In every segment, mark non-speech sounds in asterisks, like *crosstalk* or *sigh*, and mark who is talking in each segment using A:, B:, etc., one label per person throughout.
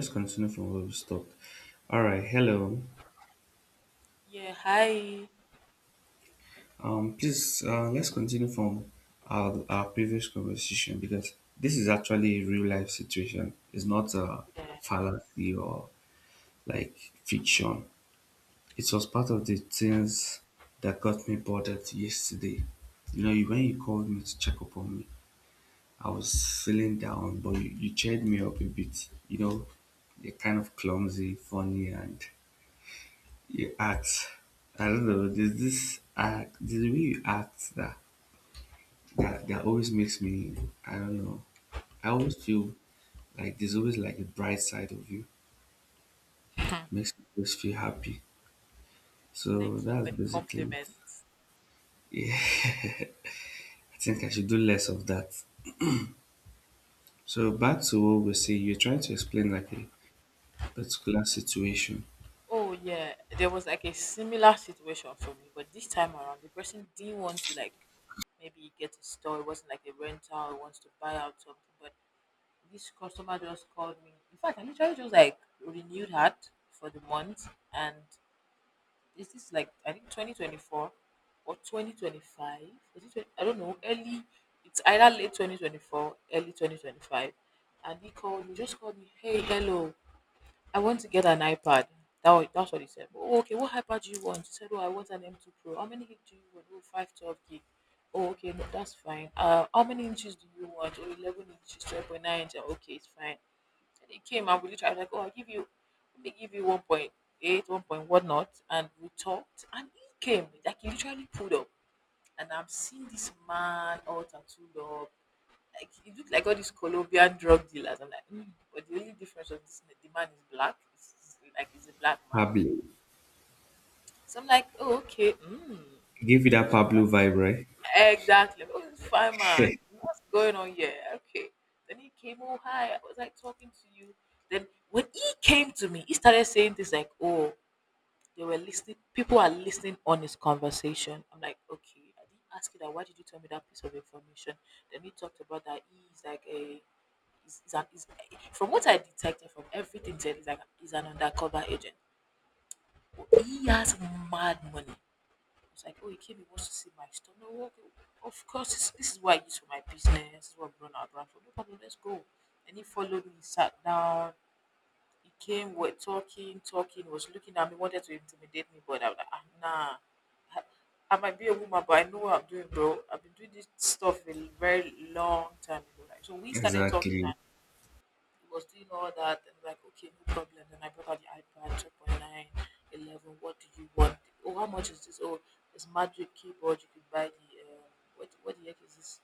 A: Let's continue from where we stopped. All right, hello.
B: Yeah, hi.
A: Please, let's continue from our previous conversation because this is actually a real life situation. It's not a fallacy or like fiction. It was part of the things that got me bothered yesterday. You know, when you called me to check up on me, I was feeling down, but you cheered me up a bit. You know, you're kind of clumsy, funny, and you act. I don't know. There's this act. There's the way you act that always makes me. I don't know. I always feel like there's always like a bright side of you.
B: *laughs* Thank
A: Makes me always feel happy. So
B: you
A: that's
B: for the
A: basically
B: compliments.
A: it. Yeah, I think I should do less of that. So back to what we say. You're trying to explain like a particular situation.
B: Oh yeah, there was like a similar situation for me, but this time around the person didn't want to like maybe get a store. It wasn't like a rental. It wants to buy out something, but this customer just called me. In fact, I literally just like renewed her for the month, and is this like I think 2024 or 2025? Was it 20, I don't know. Early, it's either late 2024, early 2025. And he called me, just called me. Hey, hello. I want to get an iPad. That's what he said. Oh, okay. What iPad do you want? He said, oh, I want an M2 Pro. How many gig do you want? Oh, 512 gig. Oh, okay. No, that's fine. How many inches do you want? Oh, 11 inches, 12.9 inches. Okay, it's fine. And he came and we literally I was like, oh, I'll give you, let me give you 1.8, 1.1 knots. And we talked. And he came, like, he literally pulled up. And I'm seeing this man all tattooed up. Like, he looked like all these Colombian drug dealers. I'm like, mm, but the only difference was this, the man is black. It's like, he's a black man.
A: Pablo,
B: So I'm like, oh, okay. Mm.
A: give you that Pablo vibe,
B: Exactly. Oh, this fireman,
A: right?
B: what's going on here? Okay. Then he came, oh, hi, I was like talking to you. Then when he came to me, he started saying things like, oh, they were listening, people are listening on his conversation. I'm like, okay, I didn't ask you that. Why did you tell me that piece of information? Then he talked about that he's like a, he's an, he's, from what I detected from everything, he said, he's like, he's an undercover agent. He has mad money. I was like, oh, he came, he wants to see my store. No, okay, of course, this is what I use for my business. This is what I run our brand for. No problem, let's go. And he followed me, sat down. He came, we're talking, talking, he was looking at me, wanted to intimidate me, but I was like, ah, nah. I I might be a woman, but I know what I'm doing, bro. I've been doing this stuff for a very long time ago. Like, so
A: *laughs*
B: we started talking
A: Exactly.
B: was doing all that and like, okay, no problem. Then I brought out the iPad 2.9. What do you want? Oh, how much is this? Oh, it's magic keyboard. You could buy the, what the heck is this?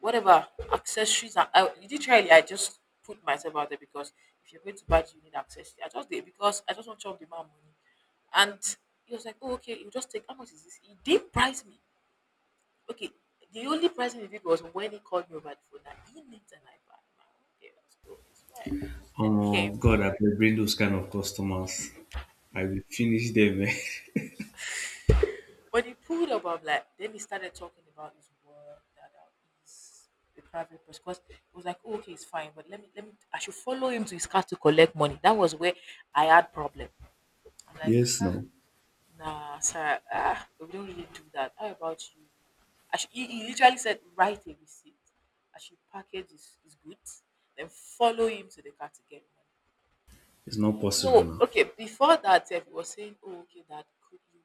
B: Whatever, accessories. And I, literally, I just put myself out there because if you're going to buy, it, you need accessories. I just did because I just want to chop the man money. And he was like, oh, okay, you just take, how much is this? He did price me. Okay, the only pricing he did was when he called me over the phone and he needs an iPad. I'm like, okay, let's go, it's fine. Then he came.
A: Oh God, I bring those kind of customers. I will finish them. Eh. *laughs*
B: When he pulled up, I'm like, then he started talking about his work, that he's a private person. Because it was like, oh, okay, it's fine, but let me, I should follow him to his car to collect money. That was where I had problem. I'm like,
A: Yes,
B: huh,
A: no,
B: nah, Sarah, ah, we don't really do that. How about you? I should, he literally said, write a receipt. I should package his goods, then follow him to the car to get
A: it's not
B: money.
A: possible
B: No,
A: now.
B: okay, before that, eh, he was saying, oh, okay, that could he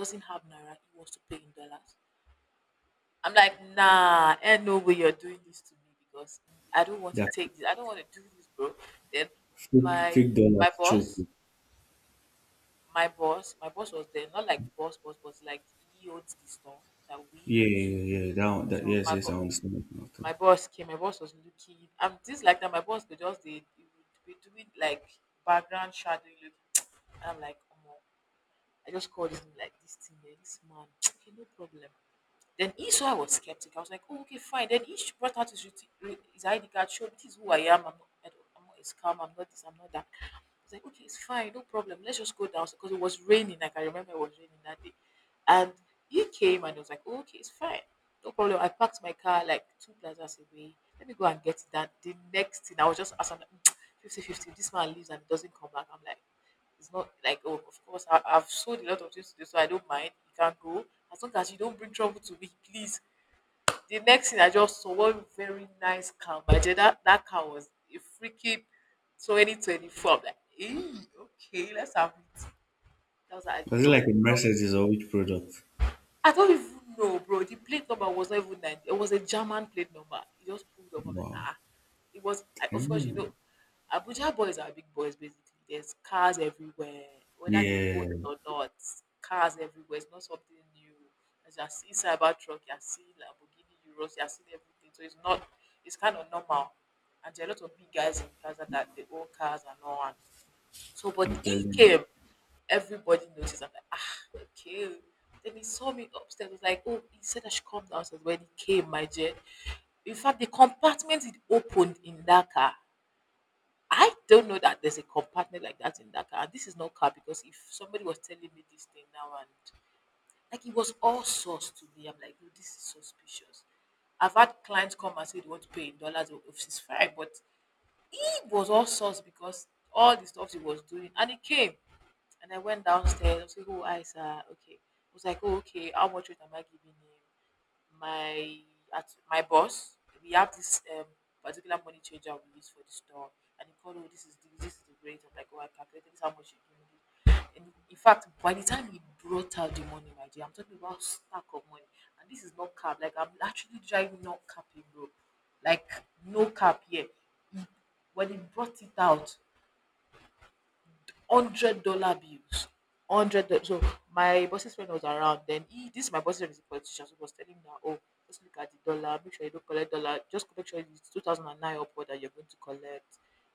B: doesn't have Naira, he wants to pay in dollars. I'm like, nah, ain't no way you're doing this to me because I don't want to
A: That
B: take this. I don't want to do this, bro. Then
A: fake
B: my
A: fake dollars
B: my
A: choke.
B: boss, my boss was there, not like boss, boss, boss, like he owns the store that we
A: Yeah,
B: use.
A: yeah, yeah, yeah. That, one, that
B: So
A: yes, yes, I understand that nothing.
B: my boss came, my boss was looking. I'm just like that, my boss could just they he would be doing like background shadowing look. *tsk* And I'm like, oh, I just called him like this thing, there, this man. *tsk* Okay, no problem. Then he saw I was skeptical. I was like, oh, okay, fine. Then he brought out his ID card, showed this is who I am. I'm not, I don't, I'm not a scam. I'm not this. I'm not that. I was like, okay, it's fine. No problem. Let's just go down because it was raining. Like, I remember it was raining that day. And he came and I was like, oh, okay, it's fine. No problem. I parked my car like two plazas away. Let me go and get that. The next thing, I was just as I'm like, *tsk* 50 fifty, this man leaves and doesn't come back. I'm like, it's not like, oh, of course, I've sold a lot of things today, so I don't mind. You can go. As long as you don't bring trouble to me, please. The next thing I just saw one very nice cow. But that car was a freaking 2024. I'm like, hey, okay, let's have it. That was, like, I
A: Was it
B: just
A: like a
B: pulled
A: Mercedes or which product?
B: I don't even know, bro. The plate number was not even 90. It was a German plate number. It just pulled up. I'm like,
A: Wow.
B: ah. It was, of course,
A: Damn.
B: Abuja boys are big boys, basically. There's cars everywhere, whether they own it
A: Yeah,
B: or not. Cars everywhere. It's not something new. As you are seeing Cybertruck, you are seeing Lamborghini Euros, you are seeing everything. So it's not, it's kind of normal. And there are a lot of big guys in Plaza that they own cars and all. And so, but
A: I'm
B: he
A: telling you.
B: came, everybody noticed. I'm like, ah, okay. Then he saw me upstairs. Was like, oh, he said I should come downstairs. When he came, my dear. In fact, the compartment it opened in that car. I don't know that there's a compartment like that in that car. And this is not car because if somebody was telling me this thing now and like it was all source to me, I'm like, oh, this is suspicious. I've had clients come and say they want to pay in dollars or if it's fine, but it was all source because all the stuff he was doing and it came. And I went downstairs. I was like, oh, Isa, okay. I was like, oh, okay, how much rate am I giving him? My At my boss, we have this particular money changer we use for the store. And he called, oh, this is the rate. I'm like, oh, I calculated this, how much you give me. And in fact, by the time he brought out the money, my dear, I'm talking about stack of money. And this is not cap. Like, I'm actually driving not capping, bro. Like, no cap here. He- When he brought it out, $100 bills, hundred. So my boss's friend was around. Then he, this my boss's friend is a politician, so he was telling me that oh, just look at the dollar, make sure you don't collect dollar, just make sure it's 2009 upward that you're going to collect,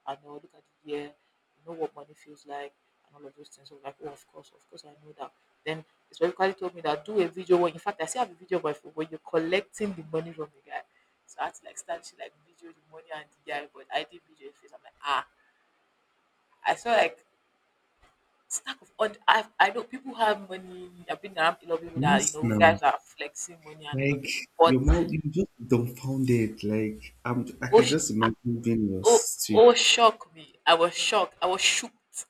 B: and oh, look at the year, you know what money feels like, and all of those things. So I'm like, oh, of course, I know that. Then he specifically told me that do a video. When, in fact, I still have a video, but when you're collecting the money from the guy. So I had to like start to like video the money and the guy, but I did video his face. I'm like, ah, I saw like stack of odd I know people have money. I've been around a lot of people that you
A: Yes,
B: know
A: now,
B: guys are flexing money and all of
A: like
B: this. But
A: your mouth, you just dumbfounded. Like I
B: oh,
A: can just imagine being in your
B: oh,
A: situation.
B: oh, shock me! I was shocked. I was shocked.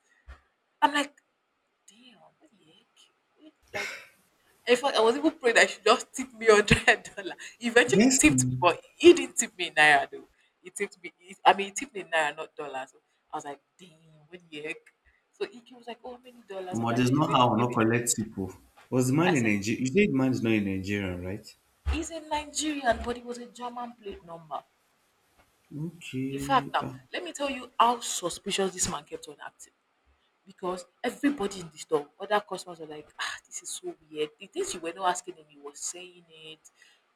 B: I'm like, damn, what the heck? Like, in fact, I was even praying that she just tip me $100. He Eventually,
A: Yes,
B: tipped me,
A: now.
B: but he didn't tip me in naira though. He tipped me. He, I mean, he tipped me in naira, not dollars. So I was like, damn, what the heck? So he was like, oh, how many dollars? I'm
A: But
B: like, oh,
A: there's
B: you're
A: no
B: going to
A: how
B: give
A: not
B: it.
A: collect people. Was the
B: I
A: man in
B: said.
A: Nigeria? You said the man is not in Nigerian, right?
B: He's a Nigerian, but he was a German plate number. In fact,
A: Okay.
B: now let me tell you how suspicious this man kept on acting because everybody is disturbed. Other customers were like, ah, this is so weird. The things you were not asking him, he was saying it.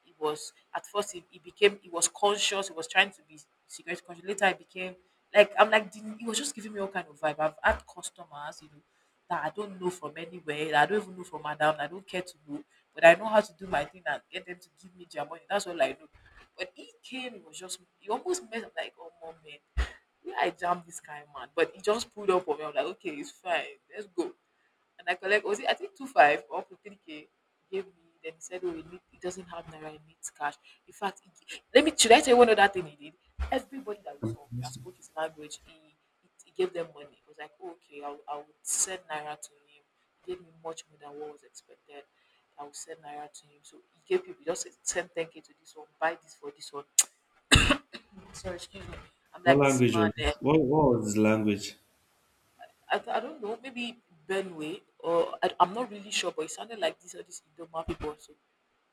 B: He was at first he became He was conscious. He was trying to be cigarette conscious. Later he became like I'm like he was just giving me all kind of vibe. I've had customers, that I don't know from anywhere, that I don't even know from Adam, I don't care to know, but I know how to do my thing and get them to give me their money. That's all I know. When he came, it was just he almost messed up like, oh mom, man, where I jammed this kind of man, but he just pulled up on me. I'm like, okay, it's fine, let's go. And I collect was it I think two five or up to 3K gave me. Then he said, oh, he doesn't have naira, he needs cash. In fact, he, gi- let me should I tell you one other thing he did? Everybody that we
A: What
B: saw that spoke his language, he gave them money. It was like, oh, okay, I would send naira to him. He gave me much more than what was expected. I would send naira to him. So he gave people, just send 10k to this one, buy this for this one. Sorry, excuse me. I'm like, this
A: language
B: man.
A: was
B: Eh,
A: this? What was his language?
B: I don't know, maybe Benway, or I'm not really sure, but it sounded like these are these Idoma people. So,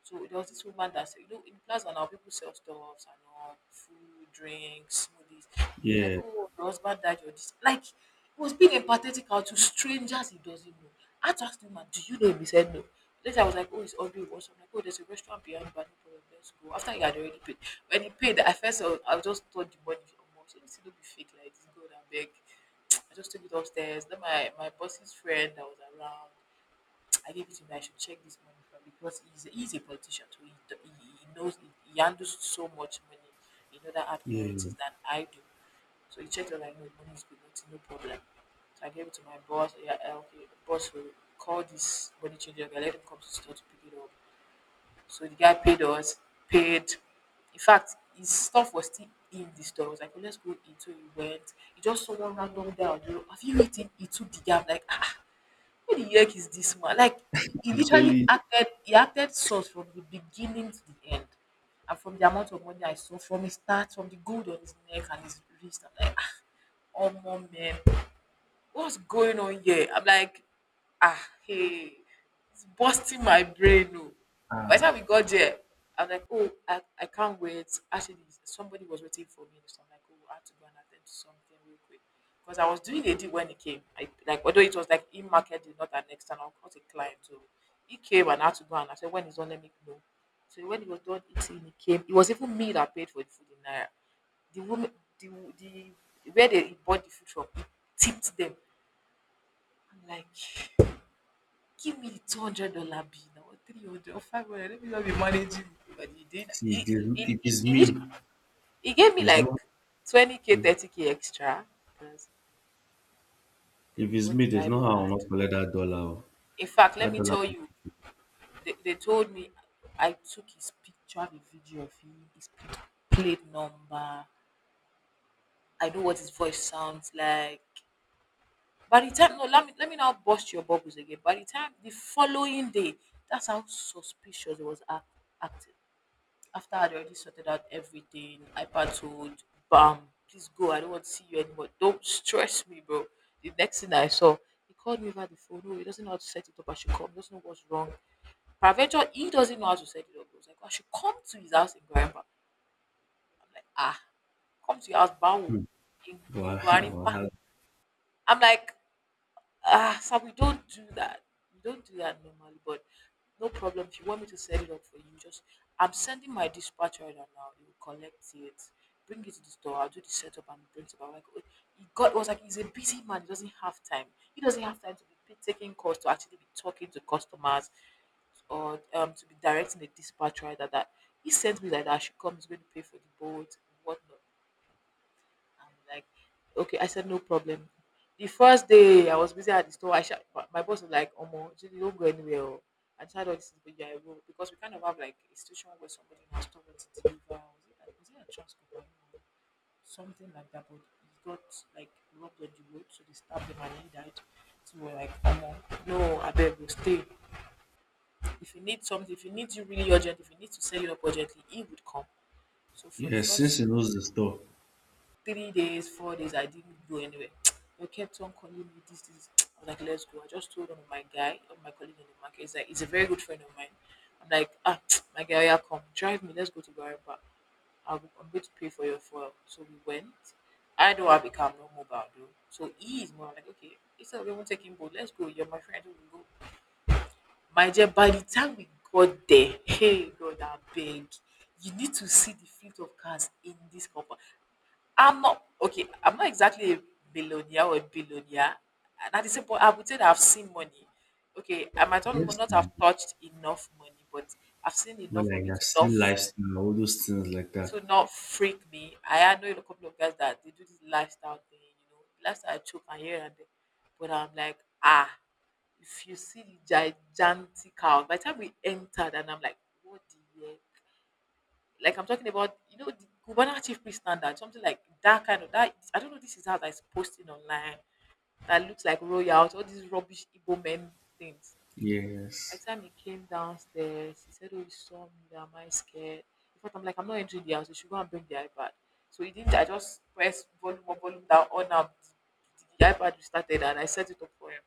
B: so there was this woman that said, in Plaza now people sell stuffs and all, food, drinks, smoothies. I was like,
A: Yeah,
B: oh, your husband died, or this. Like, it was being empathetic out to strangers he doesn't know. I had to ask the woman, do you know him? He said no. Later, I was like, oh, it's Audrey Wars. I'm like, oh, there's a restaurant behind, but no problem, let's go. After he had already paid. When he paid, I just thought the money was almost, let me see, don't be fake like this, God, I beg. I just took it upstairs. Then my boss's friend that was around, *tsk* I gave it to him. That I should check this money from, because he's a politician, so he knows he handles so much money in other hard
A: yeah, yeah.
B: currencies than I do. So he checked it like, no, the money is good, nothing, no problem. So I gave it to my boss. Yeah, eh, okay, the boss will call this money changer. I let him come to the store to pick it up. So the guy paid us, paid. In fact, his stuff was still in the store. I was like, "Oh, let's go eat." So we went. He just saw one random guy on the road. Have you eaten? He took the guy. I'm like, ah, who the heck is this man? Like, he
A: I'm telling
B: literally
A: you,
B: acted, he acted sus from the beginning to the end. And from the amount of money I saw, from his start, from the gold on his neck and his wrist, I'm like, "Ah, oh, man, what's going on here?" I'm like, ah, hey, it's busting my brain. No. By the time
A: ah,
B: we got there, I'm like, oh, I can't wait. Actually, somebody was waiting for me. So I'm like, oh, I have to go and attend to something real quick. Because I was doing a deal when he came. I like although it was like in market deal, not an external, not a client. So he came and I had to go and I said, when he's on, let me know. So when he was done eating, he came. It was even me that paid for the food in Naira. The woman, the, the where they bought the food from, tipped them. I'm like, give me $200 bill or 300 or 500. Let me not be managing it. But he did.
A: see,
B: He,
A: there's,
B: he,
A: if it's
B: he, he
A: me,
B: he gave me
A: there's
B: like
A: no,
B: 20K, 30K extra because then
A: if
B: he
A: it's
B: bought
A: me,
B: the
A: there's no how I'll
B: iPad.
A: not collect that dollar. Oh.
B: In fact, let
A: That
B: me
A: dollar,
B: tell you, they told me I took his picture, the video of him, his plate number. I know what his voice sounds like. By the time, no, let me not bust your bubbles again. By the time the following day, that's how suspicious it was acting. After I'd already sorted out everything, iPad told, bam, please go. I don't want to see you anymore. Don't stress me, bro. The next thing I saw, he called me over the phone. Oh, he doesn't know how to set it up. I should come. He doesn't know what's wrong. Paraventure, he doesn't know how to set it up. I was like, I should come to his house in Guarimpa. Like, ah, come to your house, Bawu,
A: hmm.
B: in, in
A: But I, *laughs* I
B: Guarimpa.
A: had,
B: I'm like, ah, sir, we don't do that. We don't do that normally, but no problem. If you want me to set it up for you, just I'm sending my dispatch order now. You will collect it, bring it to the store. I'll do the setup and bring it back. Like, oh, he got was like he's a busy man. He doesn't have time. He doesn't have time to be taking calls to actually be talking to customers or to be directing a dispatch rider that he sent me like, that I should come, he's going to pay for the boat, whatnot. I'm like, okay. I said, no problem. The first day I was busy at the store, I shout, my boss was like, Omo, Judy, don't go anywhere. Oh. I tried all this, but yeah, I will. Because we kind of have like a situation where somebody in our store wants to deliver. Was it a trans or something like that? But he got like robbed on the road, so they stabbed him and he died. So we're like, Omo, no, I beg you, stay. If you need something, if you need you really urgent, if you need to sell it up urgently, he would come. So for the
A: yeah, since
B: first
A: he knows the store,
B: 3 days, 4 days, I didn't go anywhere. *tsk* They kept on calling me this, this. *tsk* I was like, let's go. I just told one of my guy, of my colleague in the market, he's like, he's a very good friend of mine. I'm like, ah, *tsk* my guy, yeah, come, drive me, let's go to Guaraba. I'm going to pay for your fuel. So we went. I don't have a no mobile though. So he is more like, okay, instead of even taking boat, let's go. You're my friend, we'll go. My dear, by the time we got there, hey God, I beg. You need to see the fleet of cars in this compound. I'm not okay. I'm not exactly a billionaire or a billionaire. And at the same point, I would say that I've seen money. Okay, I might not
A: yes,
B: not have touched enough money, but I've seen
A: but
B: enough of
A: like
B: it
A: I've
B: to not
A: seen
B: f-
A: lifestyle, all those things like that.
B: to not freak me. I know a couple of guys that they do this lifestyle thing, lifestyle choke and here and there. But I'm like, ah, if you see the gigantic house, by the time we entered, and I'm like, what the hell? Like I'm talking about, the Cubana chief priest standard, something like that kind of that. I don't know. This is how that's posting online. That looks like royals, all these rubbish Igbo men things. By
A: Yes,
B: the time he came downstairs, he said, "Oh, he saw me. That am I scared?" In fact, I'm like, I'm not entering the house. You should go and bring the iPad. So he didn't. I just pressed volume up, volume down, on up. The iPad restarted, and I set it up for him.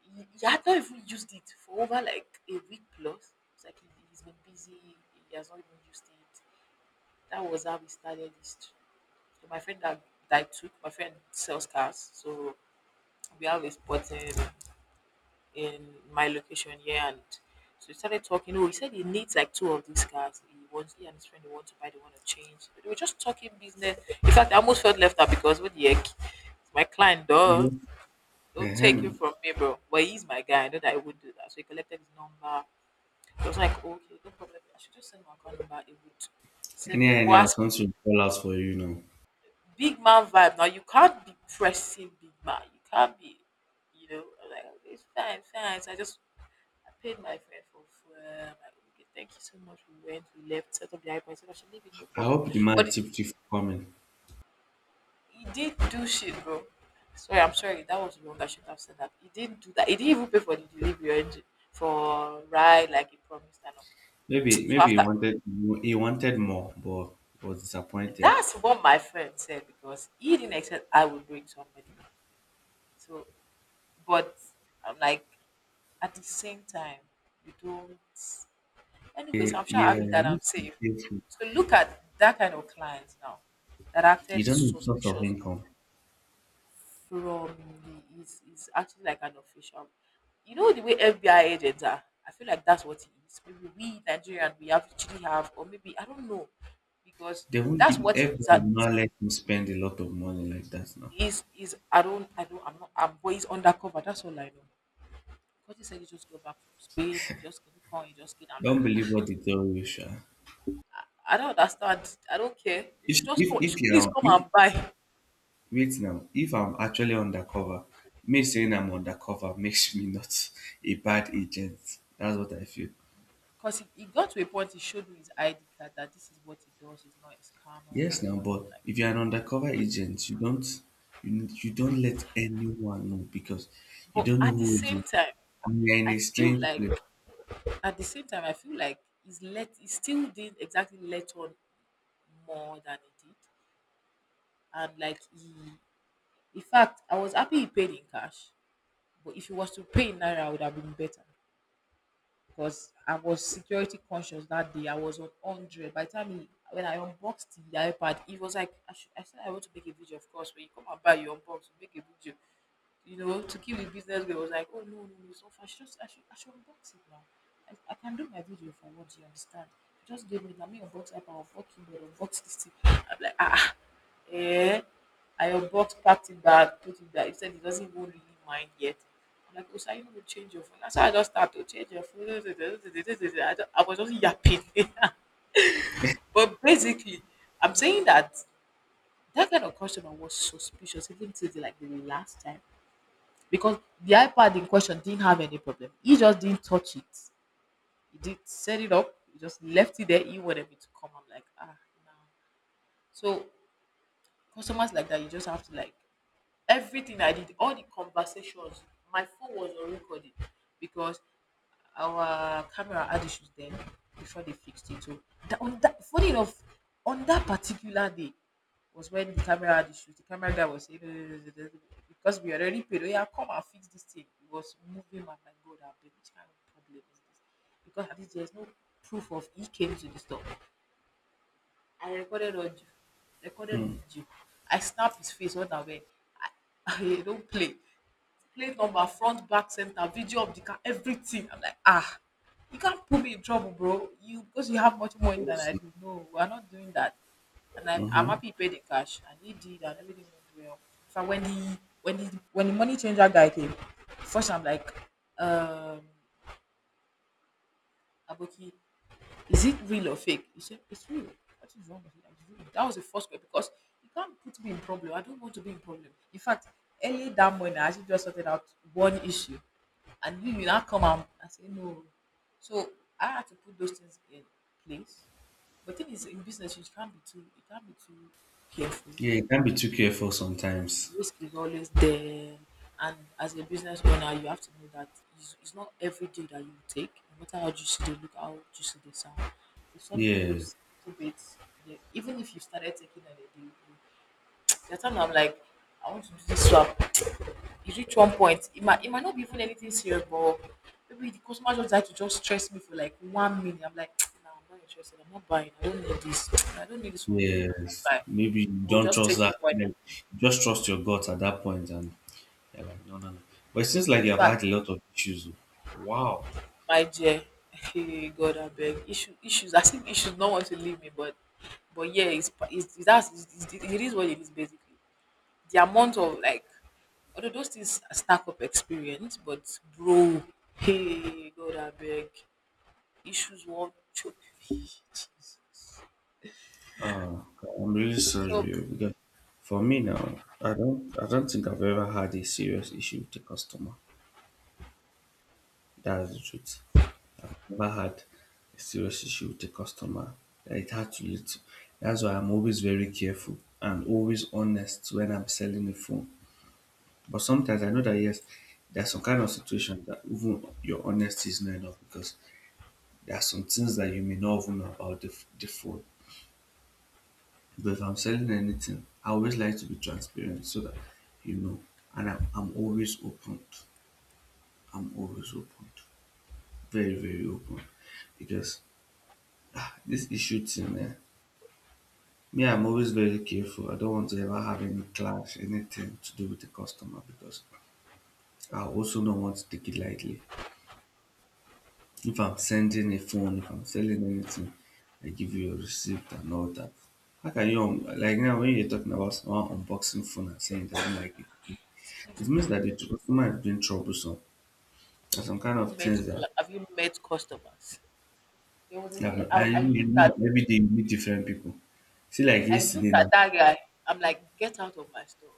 B: He had not even used it for over like a week plus. It's like he's been busy, he has not even used it. That was how we started this too. So my friend that I took, my friend sells cars, so we have a spot in my location here, and so we started talking. Oh, he said he needs like two of these cars. He wants he and his friend they want to buy, they want to change. So they were just talking business. In fact, I almost felt left out because what the heck, my client, duh,
A: yes,
B: don't take him
A: uh-huh.
B: from me, bro. But he's my guy. I know that I would do that. So he collected his number. I was like, okay, no problem. I should just send my account number. It would send.
A: Anyhow,
B: But
A: anyhow,
B: as
A: something will fall out for you now.
B: big man vibe. Now you can't be pressing big man. You can't be, you know, I'm like, "Okay, it's fine, fine." So I just I paid my friend for food. I'm like, okay, thank you so much. We went, we left, set up the iPhone, I said I should leave it, no
A: I
B: problem.
A: hope the
B: But
A: man tipped you for coming.
B: he did do shit, bro. Sorry, I'm sorry, that was wrong. I should have said that. He didn't do that. He didn't even pay for the delivery or anything for ride like he promised and all. *tsk*
A: Maybe
B: So
A: maybe he
B: after
A: wanted more, but was disappointed.
B: that's what my friend said because he didn't expect I would bring somebody. So but I'm like, at the same time you don't, anyways,
A: Eh,
B: I'm sure
A: yeah,
B: happy
A: you
B: that
A: need
B: I'm
A: to be
B: safe.
A: careful.
B: So look at that kind of clients now that
A: You
B: acted
A: don't need source of
B: suspicious
A: income.
B: from the is actually like an official, you know the way FBI agents are, I feel like that's what it is. Maybe we Nigerian, we have actually have, or maybe I don't know because
A: They won't
B: that's
A: give
B: what it
A: everyone
B: is.
A: will
B: That is
A: not let him spend a lot of money like that now.
B: is is I don't I'm not, I'm always undercover, that's all I know. Because he said he just got back from Spain, he just came come he just came. I'm like,
A: Don't believe
B: "Ah,
A: what they tell you, Sha.
B: I don't understand. I don't care. You should just come. You
A: If
B: should please
A: you're
B: come
A: if,
B: and buy."
A: wait now, if I'm actually undercover, me saying I'm undercover *laughs* makes me not a bad agent. That's what I feel.
B: Because he got to a point, he showed me his ID card that this is what he does, it's not his camera
A: Yes,
B: and
A: now,
B: all
A: but if you're
B: of
A: an undercover agent, you don't let anyone know because you
B: that. Like,
A: don't
B: but
A: know
B: at the
A: who is
B: same
A: who.
B: time,
A: And you're in
B: I
A: a
B: feel
A: strange
B: like,
A: place.
B: at the same time, I feel like he's let, he still didn't exactly let on more than he did. And like he, in fact, I was happy he paid in cash. But if he was to pay in Naira, it would have been better. Because I was security conscious that day. I was on 100. By the time he, when I unboxed the iPad, he was like, I should, I said, I want to make a video, of course. When you come and buy your unbox, you make a video. You know, to keep the business girl was like, oh, no, no, no. So I should just, I should unbox it now. I can do my video if what you understand? Just give me, let me unbox iPad, unbox keyboard, unbox this thing. I'm like, ah, eh, I unboxed, packed it back, put it back. He said he doesn't even really mind yet. I'm like, oh, so are you going to change your phone? That's how I just started to change your phone. *laughs* I, don't- I was just yapping. *laughs* But basically, I'm saying that that kind of customer was suspicious even till the, like the last time, because the iPad in question didn't have any problem. He just didn't touch it. He did set it up. He just left it there. He wanted me to come. I'm like, ah, no. So customers like that, you just have to like, everything I did, all the conversations, my phone was on recording because our camera had issues then before they fixed it. So that, on that, funny enough, on that particular day was when the camera had issues. The camera guy was saying, "Eh, eh, eh, eh, eh," because we already paid. Oh yeah, come and fix this thing. It was moving. I'm like, God, I beg, which kind of problem is this? Because at least there's no proof of he came to the store. I recorded audio, recorded
A: Hmm.
B: video. I snap his face on the way. I, *laughs* I don't play, plate number, front, back, center, video of the car, everything. I'm like, ah, you can't put me in trouble, bro. You because you have much more money than
A: Yes.
B: I do. No, we're not doing that. And I'm
A: Mm-hmm.
B: happy he paid in cash, and he did, and everything went well. In fact, when the money changer guy came, first I'm like, um, Aboki, is it real or fake? He said, it's real. What is wrong with it? I real. That was the first question because you can't put me in problem. I don't want to be in problem. In fact, early that morning, I actually just sorted out one issue. And you not come out and say, no. So I had to put those things in place. But thing is, in business, you can't be too careful.
A: Yeah, you can be too careful sometimes.
B: Risk is always there, and as a business owner you have to know that it's not every day that you take, no matter how juicy they look, how juicy they sound, if something
A: Yeah,
B: looks a little bit, yeah, even if you started taking on a deal, there are times I'm like, I want to do this swap, it reach one point, it might not be even anything serious, but maybe the customer just like to just stress me for like 1 minute. I'm like, *tsk* no, I'm not interested, I'm not buying, I don't need this, *tsk* I don't need this one. I can't
A: yes.
B: buy.
A: Maybe you
B: I will
A: don't
B: just take
A: trust
B: it
A: that.
B: for it.
A: Like, you just trust your gut at that point, and you're like, no, no, no. But it seems like
B: In
A: you have
B: fact,
A: had a lot of issues. Oh. Wow.
B: my dear, hey God abeg, issue, issues, I think issues not want to leave me but yeah, it's pa- it's that's what it is basically. The amount of like, although those things stack up experience, but bro, hey God I beg, issues won't choke me. Jesus.
A: Ah, I'm really
B: So
A: sorry oh, because for me now, I don't think I've ever had a serious issue with a customer. That's the truth. I've never had a serious issue with a customer that it had to lead to. That's why I'm always very careful and always honest when I'm selling a phone. But sometimes I know that yes, there's some kind of situation that even your honesty is not enough because there are some things that you may not even know about the phone. But if I'm selling anything, I always like to be transparent so that you know. And I'm always open. I'm always open. Very, very open. Because this issue thing, eh? Me, I'm always very careful. I don't want to ever have any clash, anything to do with the customer because I also don't want to take it lightly. If I'm sending a phone, if I'm selling anything, I give you a receipt and all that. How can you, like now, when you're talking about someone unboxing phone and saying he doesn't like it,
B: excuse
A: it
B: me,
A: means that the customer is being troublesome. There's some kind
B: have you
A: of
B: met
A: things that
B: have you met customers? There was a day
A: happen.
B: I
A: And you
B: looked
A: know
B: at,
A: that every day you meet different people. See, like
B: I looked
A: yesterday
B: at
A: now,
B: that guy. I'm like, get out of my store.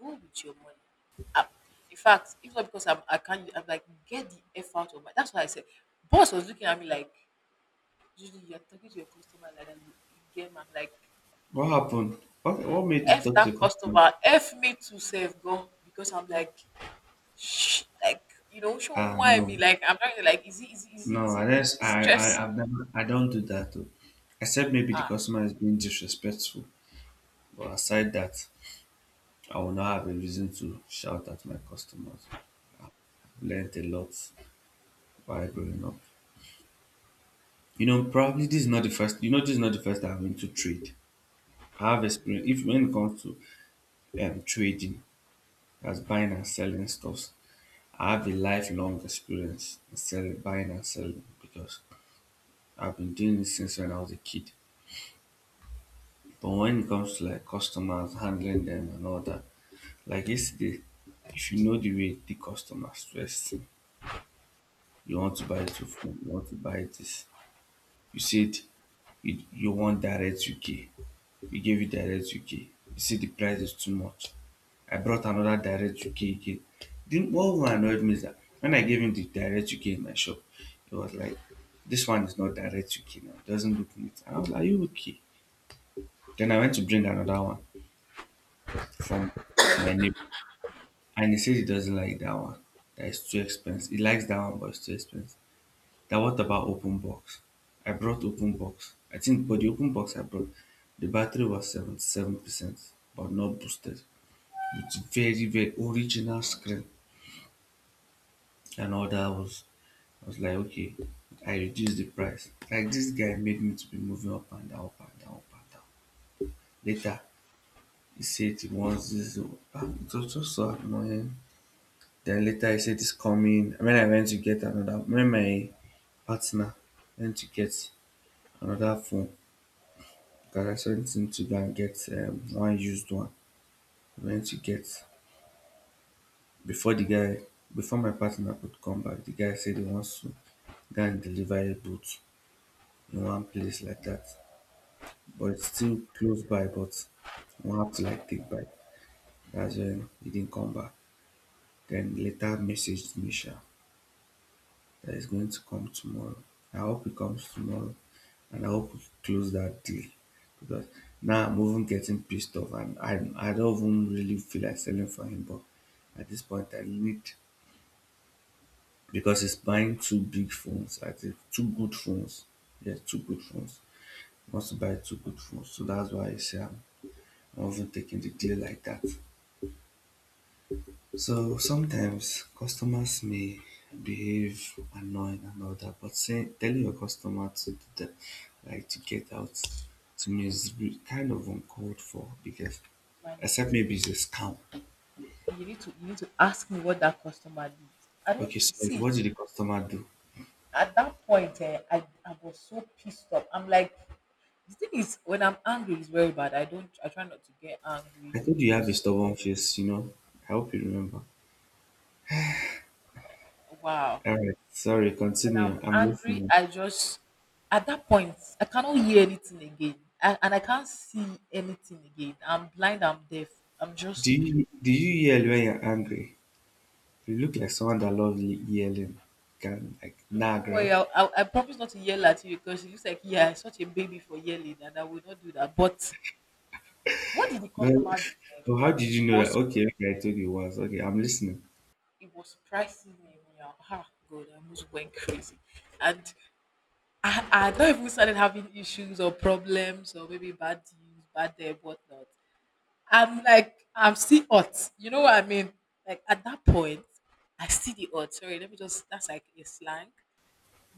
B: Go with your money. Ah, in fact, if not because I'm, I can't, I'm like, get the F out of my. That's why I said, boss was looking at me like, Julie, you're talking to your customer like that. You game. I'm like,
A: what happened? What made you
B: F
A: talk to
B: that
A: the customer?
B: customer, F me to save go. Because I'm like, shh, like, you know, show
A: Ah,
B: why
A: no,
B: me. Like, I'm trying to, like, is it, is it, is it,
A: no,
B: is it,
A: I
B: is
A: just,
B: it stressing?
A: I've never, I don't do that though. Except maybe the
B: Ah,
A: customer is being disrespectful. But aside that, I will not have a reason to shout at my customers. Learned a lot while growing up. You know, probably this is not the first, this is not the first time I'm into trade. I have experience, if when it comes to trading, as buying and selling stuffs, I have a lifelong experience in selling, buying and selling because I've been doing this since when I was a kid. But when it comes to like customers, handling them and all that, like yesterday, if you know the way the customers dress, you want to buy two phone, you want to buy this. You said you want direct UK. We gave you direct UK. You see the price is too much. I brought another direct UK again. Then what even annoyed me is that when I gave him the direct UK in my shop, he was like, "This one is not direct UK now, it doesn't look neat." I was like, "Are you okay?" Then I went to bring another one from my neighbor. And he says he doesn't like that one. That is too expensive. He likes that one, but it's too expensive. That what about open box? I brought open box. I think, but the open box I brought, the battery was 77%, but not boosted. It's very, very original screen. And all that was, I was like, okay, I reduced the price. Like this guy made me to be moving up and down, up and down, up and down. Later, he said he wants this. Ah, it was just so annoying. Then later, he said it's coming. When I went to get another, when my partner learn to get anoda phone gada something to go and get one used one learn to get before the guy before my partner could come back the guy say dey want to go and deliver a boot in one place like that but it's still close by but e wan have to like take bike dats when he didn't come back den later messaged me sha that is going to come tomorrow. I hope it comes tomorrow and I hope we close that deal because now I'm even getting pissed off and I don't even really feel like selling for him. But at this point, I need because he's buying two big phones, I think two good phones. Yeah, two good phones. He wants to buy two good phones, so that's why I say I'm not even taking the deal like that. So sometimes customers may behave annoying and all that, but saying telling your customer to do that, like to get out, to me is kind of uncalled for because
B: my
A: except
B: dear.
A: maybe it's a scam.
B: You need to ask me what that customer did. I
A: Okay,
B: don't
A: sorry,
B: see
A: what did the customer do?
B: at that point. Eh, I was so pissed off. I'm like, the thing is, when I'm angry, it's very bad. I don't, I try not to get angry
A: I told you you have a
B: because,
A: stubborn face, you know. I hope you remember.
B: wow,
A: All right, sorry,
B: when I'm
A: continue. I'm
B: angry,
A: listening.
B: I just, at that point, I cannot hear anything again. I, and I can't see anything again. I'm blind, I'm deaf. I'm
A: Do
B: just,
A: you do you yell when you're angry? You look like someone that loves yelling. Can like nag,
B: don't worry,
A: right?
B: I promise not to yell at you because it looks like, yeah, I'm such a baby for yelling and I will not do that. But what did the
A: No,
B: customer do sef?
A: oh, how did
B: It
A: you know that?
B: was,
A: Okay, okay, I told you once. Okay, I'm listening.
B: it was pricing me anyhow. Ah, God, I almost went crazy. And I not even started having issues or problems or maybe bad deals, bad day, whatnot. I'm like, I'm still hot. You know what I mean? Like at that point, I see the hot. Sorry, let me just, that's like a slang.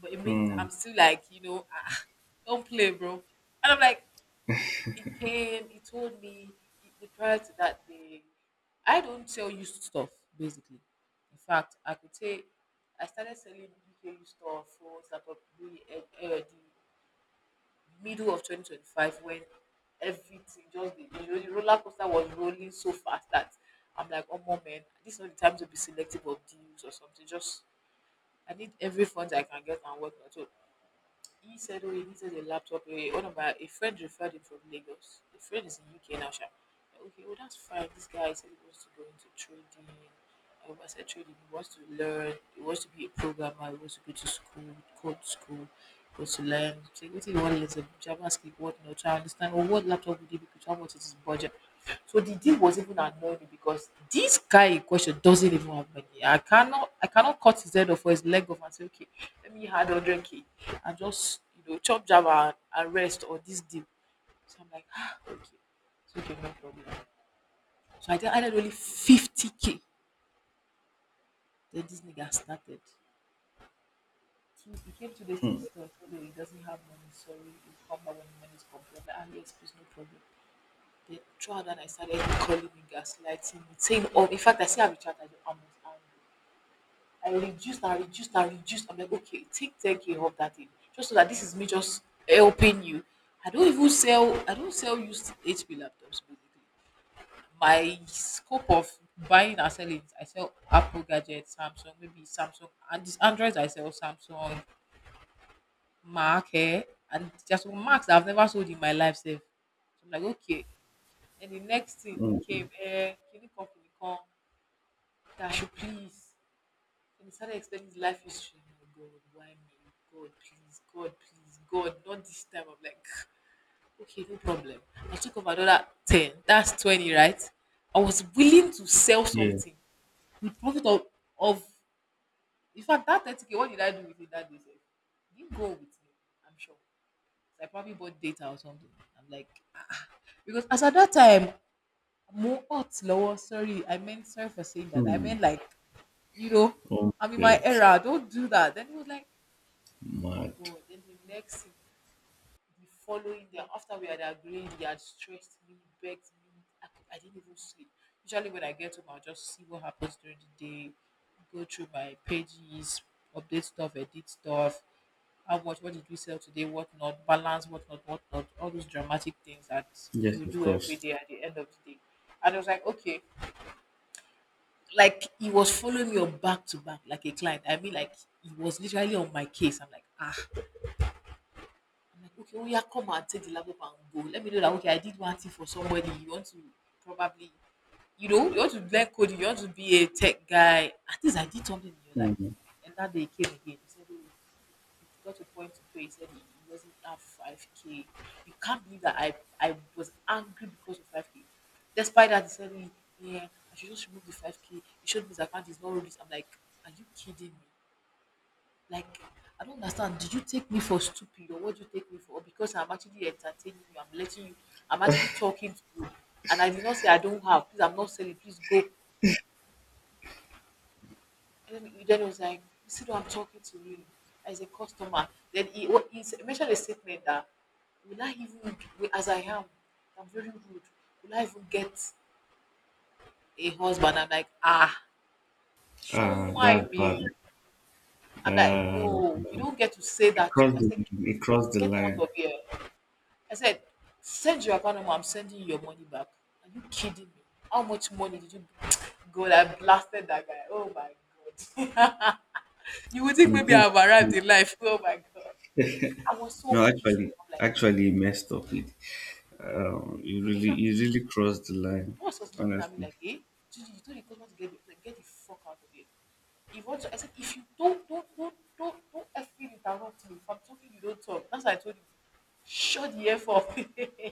B: But it means
A: Hmm,
B: I'm still like, you know, *laughs* ah, don't play, bro. And I'm like, he came, he told me, he, the prior to that day, I don't sell you stuff, basically. In fact, I could say I started selling UK stuff for example, really, the middle of 2025 when everything just the roller coaster was rolling so fast that I'm like, oh more man, this is not the time to be selective of deals or something. Just I need every fund I can get and whatnot. So he said, oh, he needed a laptop. Eh, one of my a friend referred him from Lagos. The friend is in UK now, sha. Okay, well that's fine. This guy said he wants to go into trading. I said trading. He wants to learn. He wants to be a programmer. He wants to go to school, code school, he wants to learn. So what he wants want to learn? JavaScript, what not? I understand. Or what laptop would he be? How much is his budget? So the deal was even annoying me because this guy in question doesn't even have money. I cannot cut his head off or his leg off and say, okay, let me add hundred k and just, you know, chop Java and rest or this deal. So I'm like, ah, okay, it's okay, no problem. So I think I did only 50k. Then this nigga started. Two, he came 2 days to the
A: hmm,
B: store. He said, "Oh, he doesn't have money. Sorry, he'll come back when the money's complete." Ah, yes, please, no problem. Then throughout that, I started calling him, gaslighting, saying, "Oh, in fact, I see I recharged. I'm not angry." I reduced. I'm like, okay, take 10k off that thing, just so that this is me just helping you. I don't even sell. I don't sell used HP laptops basically. My scope of buying and selling is, I sell Apple gadgets, Samsung, maybe Samsung, and this Androids I sell Samsung, Mac, and there's some Macs I've never sold in my life sef. So I'm like, okay. And the next thing he
A: hmm,
B: came, can you come, can you come? That should please. And he started explaining his life history. Oh my God, why me? God, please, God, please, God, not this time. I'm like, okay, no problem. I took over another 10. That's 20, right? I was willing to sell
A: yeah,
B: something, the profit of, in fact that 30 k, what did I do with it that day sef? E didn't go with me, I'm sure. So, I probably bought data or something. I'm like, because as at that time, more hot lower. Sorry, I meant, sorry for saying that, I
A: hmm.
B: meant like, you know
A: Oh, my
B: I'm in my
A: God,
B: era, don't do that. Then he was like,
A: mad.
B: go. Then the next thing, the following day after we had agreed, he had stressed me, begged me. I didn't even sleep. Usually when I get home, I'll just see what happens during the day, go through my pages, update stuff, edit stuff, how much, what did we sell today, what not, balance, what not, what not, all those dramatic things that
A: Yes,
B: you
A: of
B: do every
A: course.
B: day at the end of the day. And I was like, okay. Like, he was following me on back to back like a client, I mean, like he was literally on my case. I'm like, ah, I'm like, okay, oh yeah, come and take the laptop and go. Let me know that okay, I did one thing for somebody. You want to probably, you want to learn coding, you want to be a tech guy. At least I did something in your life.
A: Hmm.
B: And that day he came again. He said, oh, it got to a point to pay. He said he doesn't have five k. You can't believe that I was angry because of five k. Despite that, he said, "Eh, yeah, I should just remove the five k." It showed me his account is not released. I'm like, are you kidding me? Like, I don't understand. Did you take me for stupid, or what do you take me for? Because I'm actually entertaining you. I'm letting you, I'm actually talking to you. And I did not say I don't have. Please, I'm not selling. Please go. And then he was like, you see, who I'm talking to, you as a customer. Then he, what, mentioned a statement that, will I even, as I am, I'm very rude. Will I even get a husband? I'm like, ah, show,
A: Ah,
B: why
A: that's bad.
B: me? I'm like,
A: Uh,
B: no, you don't get to say
A: it
B: that to me.
A: crossed
B: I
A: the
B: said,
A: it crossed the
B: get out
A: line.
B: of here. I said, send your account number, I'm sending you your money back. Are you kidding me? How much money did you *tsk* God, I blasted that guy. Oh my God. *laughs* You would
A: I
B: think
A: mean,
B: maybe
A: things.
B: I've arrived in life. Oh my God. I was so
A: No,
B: pissed
A: actually,
B: off. Like,
A: actually, you messed up it. Um, you
B: in
A: really,
B: fact,
A: you really crossed the line.
B: boss was looking at me
A: Honestly,
B: like, hey, Gigi, you told the customer to get the, like, get the fuck out of here. If you want to, I said, if you don't, don't effing interrupt me. If I'm talking, you don't talk. That's why I told him, shut the F off. *laughs* He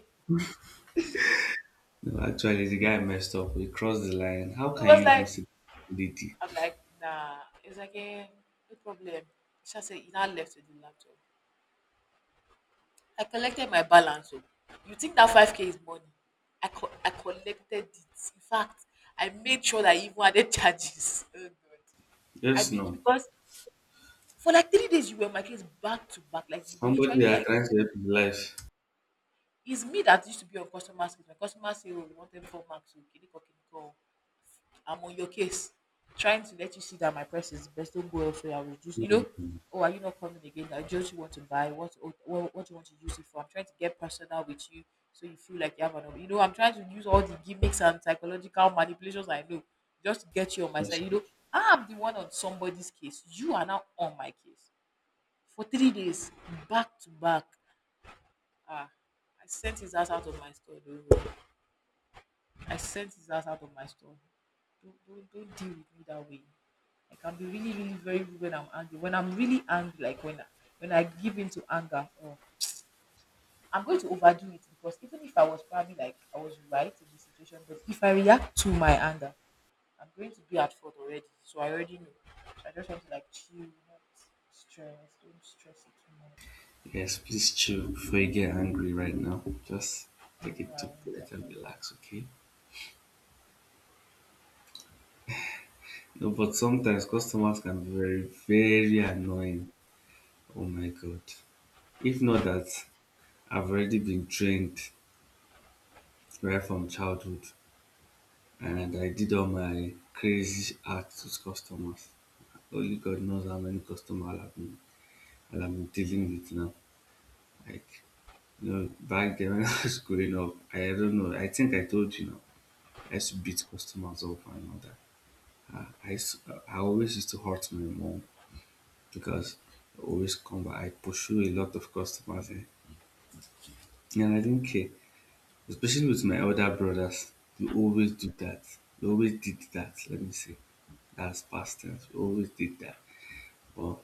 A: no, actually, the guy messed up. He crossed the line. How can you
B: was
A: even
B: like,
A: see the lady?
B: I'm like, nah. It's like, eh, no problem. She said, you now left with the laptop. I collected my balance. Oh. You think that 5K is money? I collected it. In fact, I made sure that I even added charges. *laughs* Oh, God.
A: Yes, no.
B: Because for like 3 days, you were in my case back to back. Like, you were
A: Somebody
B: literally
A: that are
B: like,
A: trying to help his life.
B: it's me that used to be on customer service. My customer say, oh, we want every four marks. Okay, okay, okay. I'm on your case, trying to let you see that my price is the best. Don't go elsewhere. I'll reduce. You
A: Hmm,
B: know, oh, are you not coming again? I just want to buy. What do you want to use it for? I'm trying to get personal with you, so you feel like you have an. You know, I'm trying to use all the gimmicks and psychological manipulations I know just to get you on my
A: yes.
B: side. You know, I'm the one on somebody's case. You are now on my case for 3 days, back to back. Ah, I sent his ass out of my store. Though. I sent his ass out of my store. Don't deal with me that way. I can be really very rude when I'm angry. When I'm really angry, like when I give in to anger, or I'm going to overdo it, because even if I was probably like I was right in the situation, but if I react to my anger, I'm going to be at fault already. So I already know. So I just want to like chill, not stress, don't stress it too much.
A: Yes, please chill before you get angry right now. Just
B: I know
A: take a
B: I
A: deep
B: want that.
A: breath and relax, okay? No, but sometimes customers can be very, very annoying. Oh my God. If not that, I've already been trained right from childhood and I did all my crazy acts with customers. Only God knows how many customers I'll have been dealing with now. Like, back then when *laughs* I was growing up, I don't know, I think I told you now, I used to beat customers up and all that. I, s- I always used to hurt my mom because I always come back. I pursue a lot of customers, eh? And I didn't care, especially with my older brothers. We always do that. We always did that. Let me say, that's past tense. We always did that. But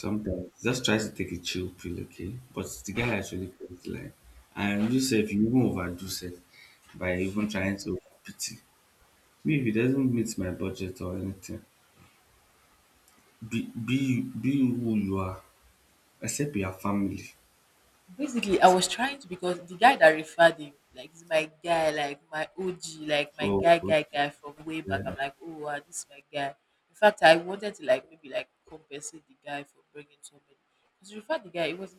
A: sometimes just try to take a chill pill, okay? But the guy actually comes like, and you say if you even overdo self by even trying to pity me, if it doesn't meet my budget or anything, be who you are. Except you have family.
B: Basically, I was trying to, because the guy that referred him, like, is my guy, like my OG, like my
A: Oh,
B: guy from way back.
A: yeah.
B: I'm like, oh, wow, this is my guy. In fact, I wanted to like maybe like compensate the guy for bringing somebody because he referred the guy. It was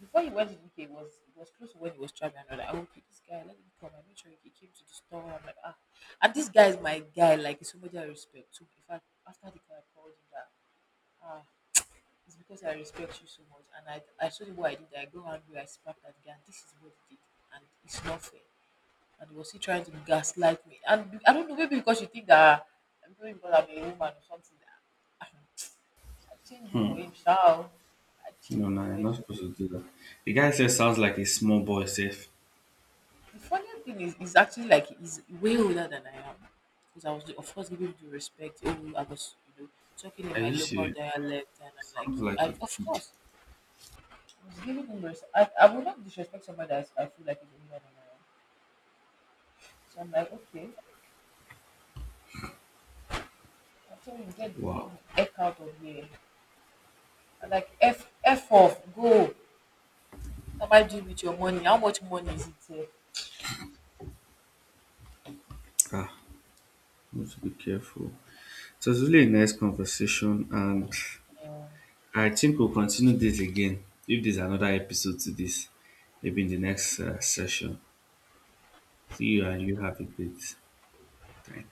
B: before he went to the UK. It was close to when he was traveling. I'm like, oh, okay, this guy, let him come. I made sure he came to the store. I'm like, ah, and this guy is my guy. Like, he's somebody I respect too. In fact, after the guy called him that, ah. It's because I respect you so much. And I told him what I did. I go angry, I sparked at the guy, and this is what he did. And it's not fair. And he was still trying to gaslight me. And I don't know, maybe because you think that maybe because I'm a woman or something. That I, I changed it for
A: Hmm.
B: him, shall I
A: No,
B: changed it
A: no,
B: for
A: you're
B: him.
A: not supposed to do that. The guy says sounds like a small boy. Safe.
B: The funny thing is actually like he's way older than I am. Because I was, of course, giving him the respect. Oh, I was, you know, talking in
A: Are
B: my
A: you
B: local
A: serious?
B: dialect. And I'm like,
A: Sounds like
B: I,
A: a
B: of
A: kid.
B: course. Was giving him I would not disrespect somebody that I feel like is older than I am. So I'm like, okay, I told him, get
A: Wow.
B: the heck out of here. I'm like, f off, go. What am I doing with your money? How much money is it?
A: Ah, we have to be careful. So it's really a nice conversation, and
B: Eh?
A: I think we'll continue this again. If there's another episode to this, maybe in the next session. See you, and you have a great time.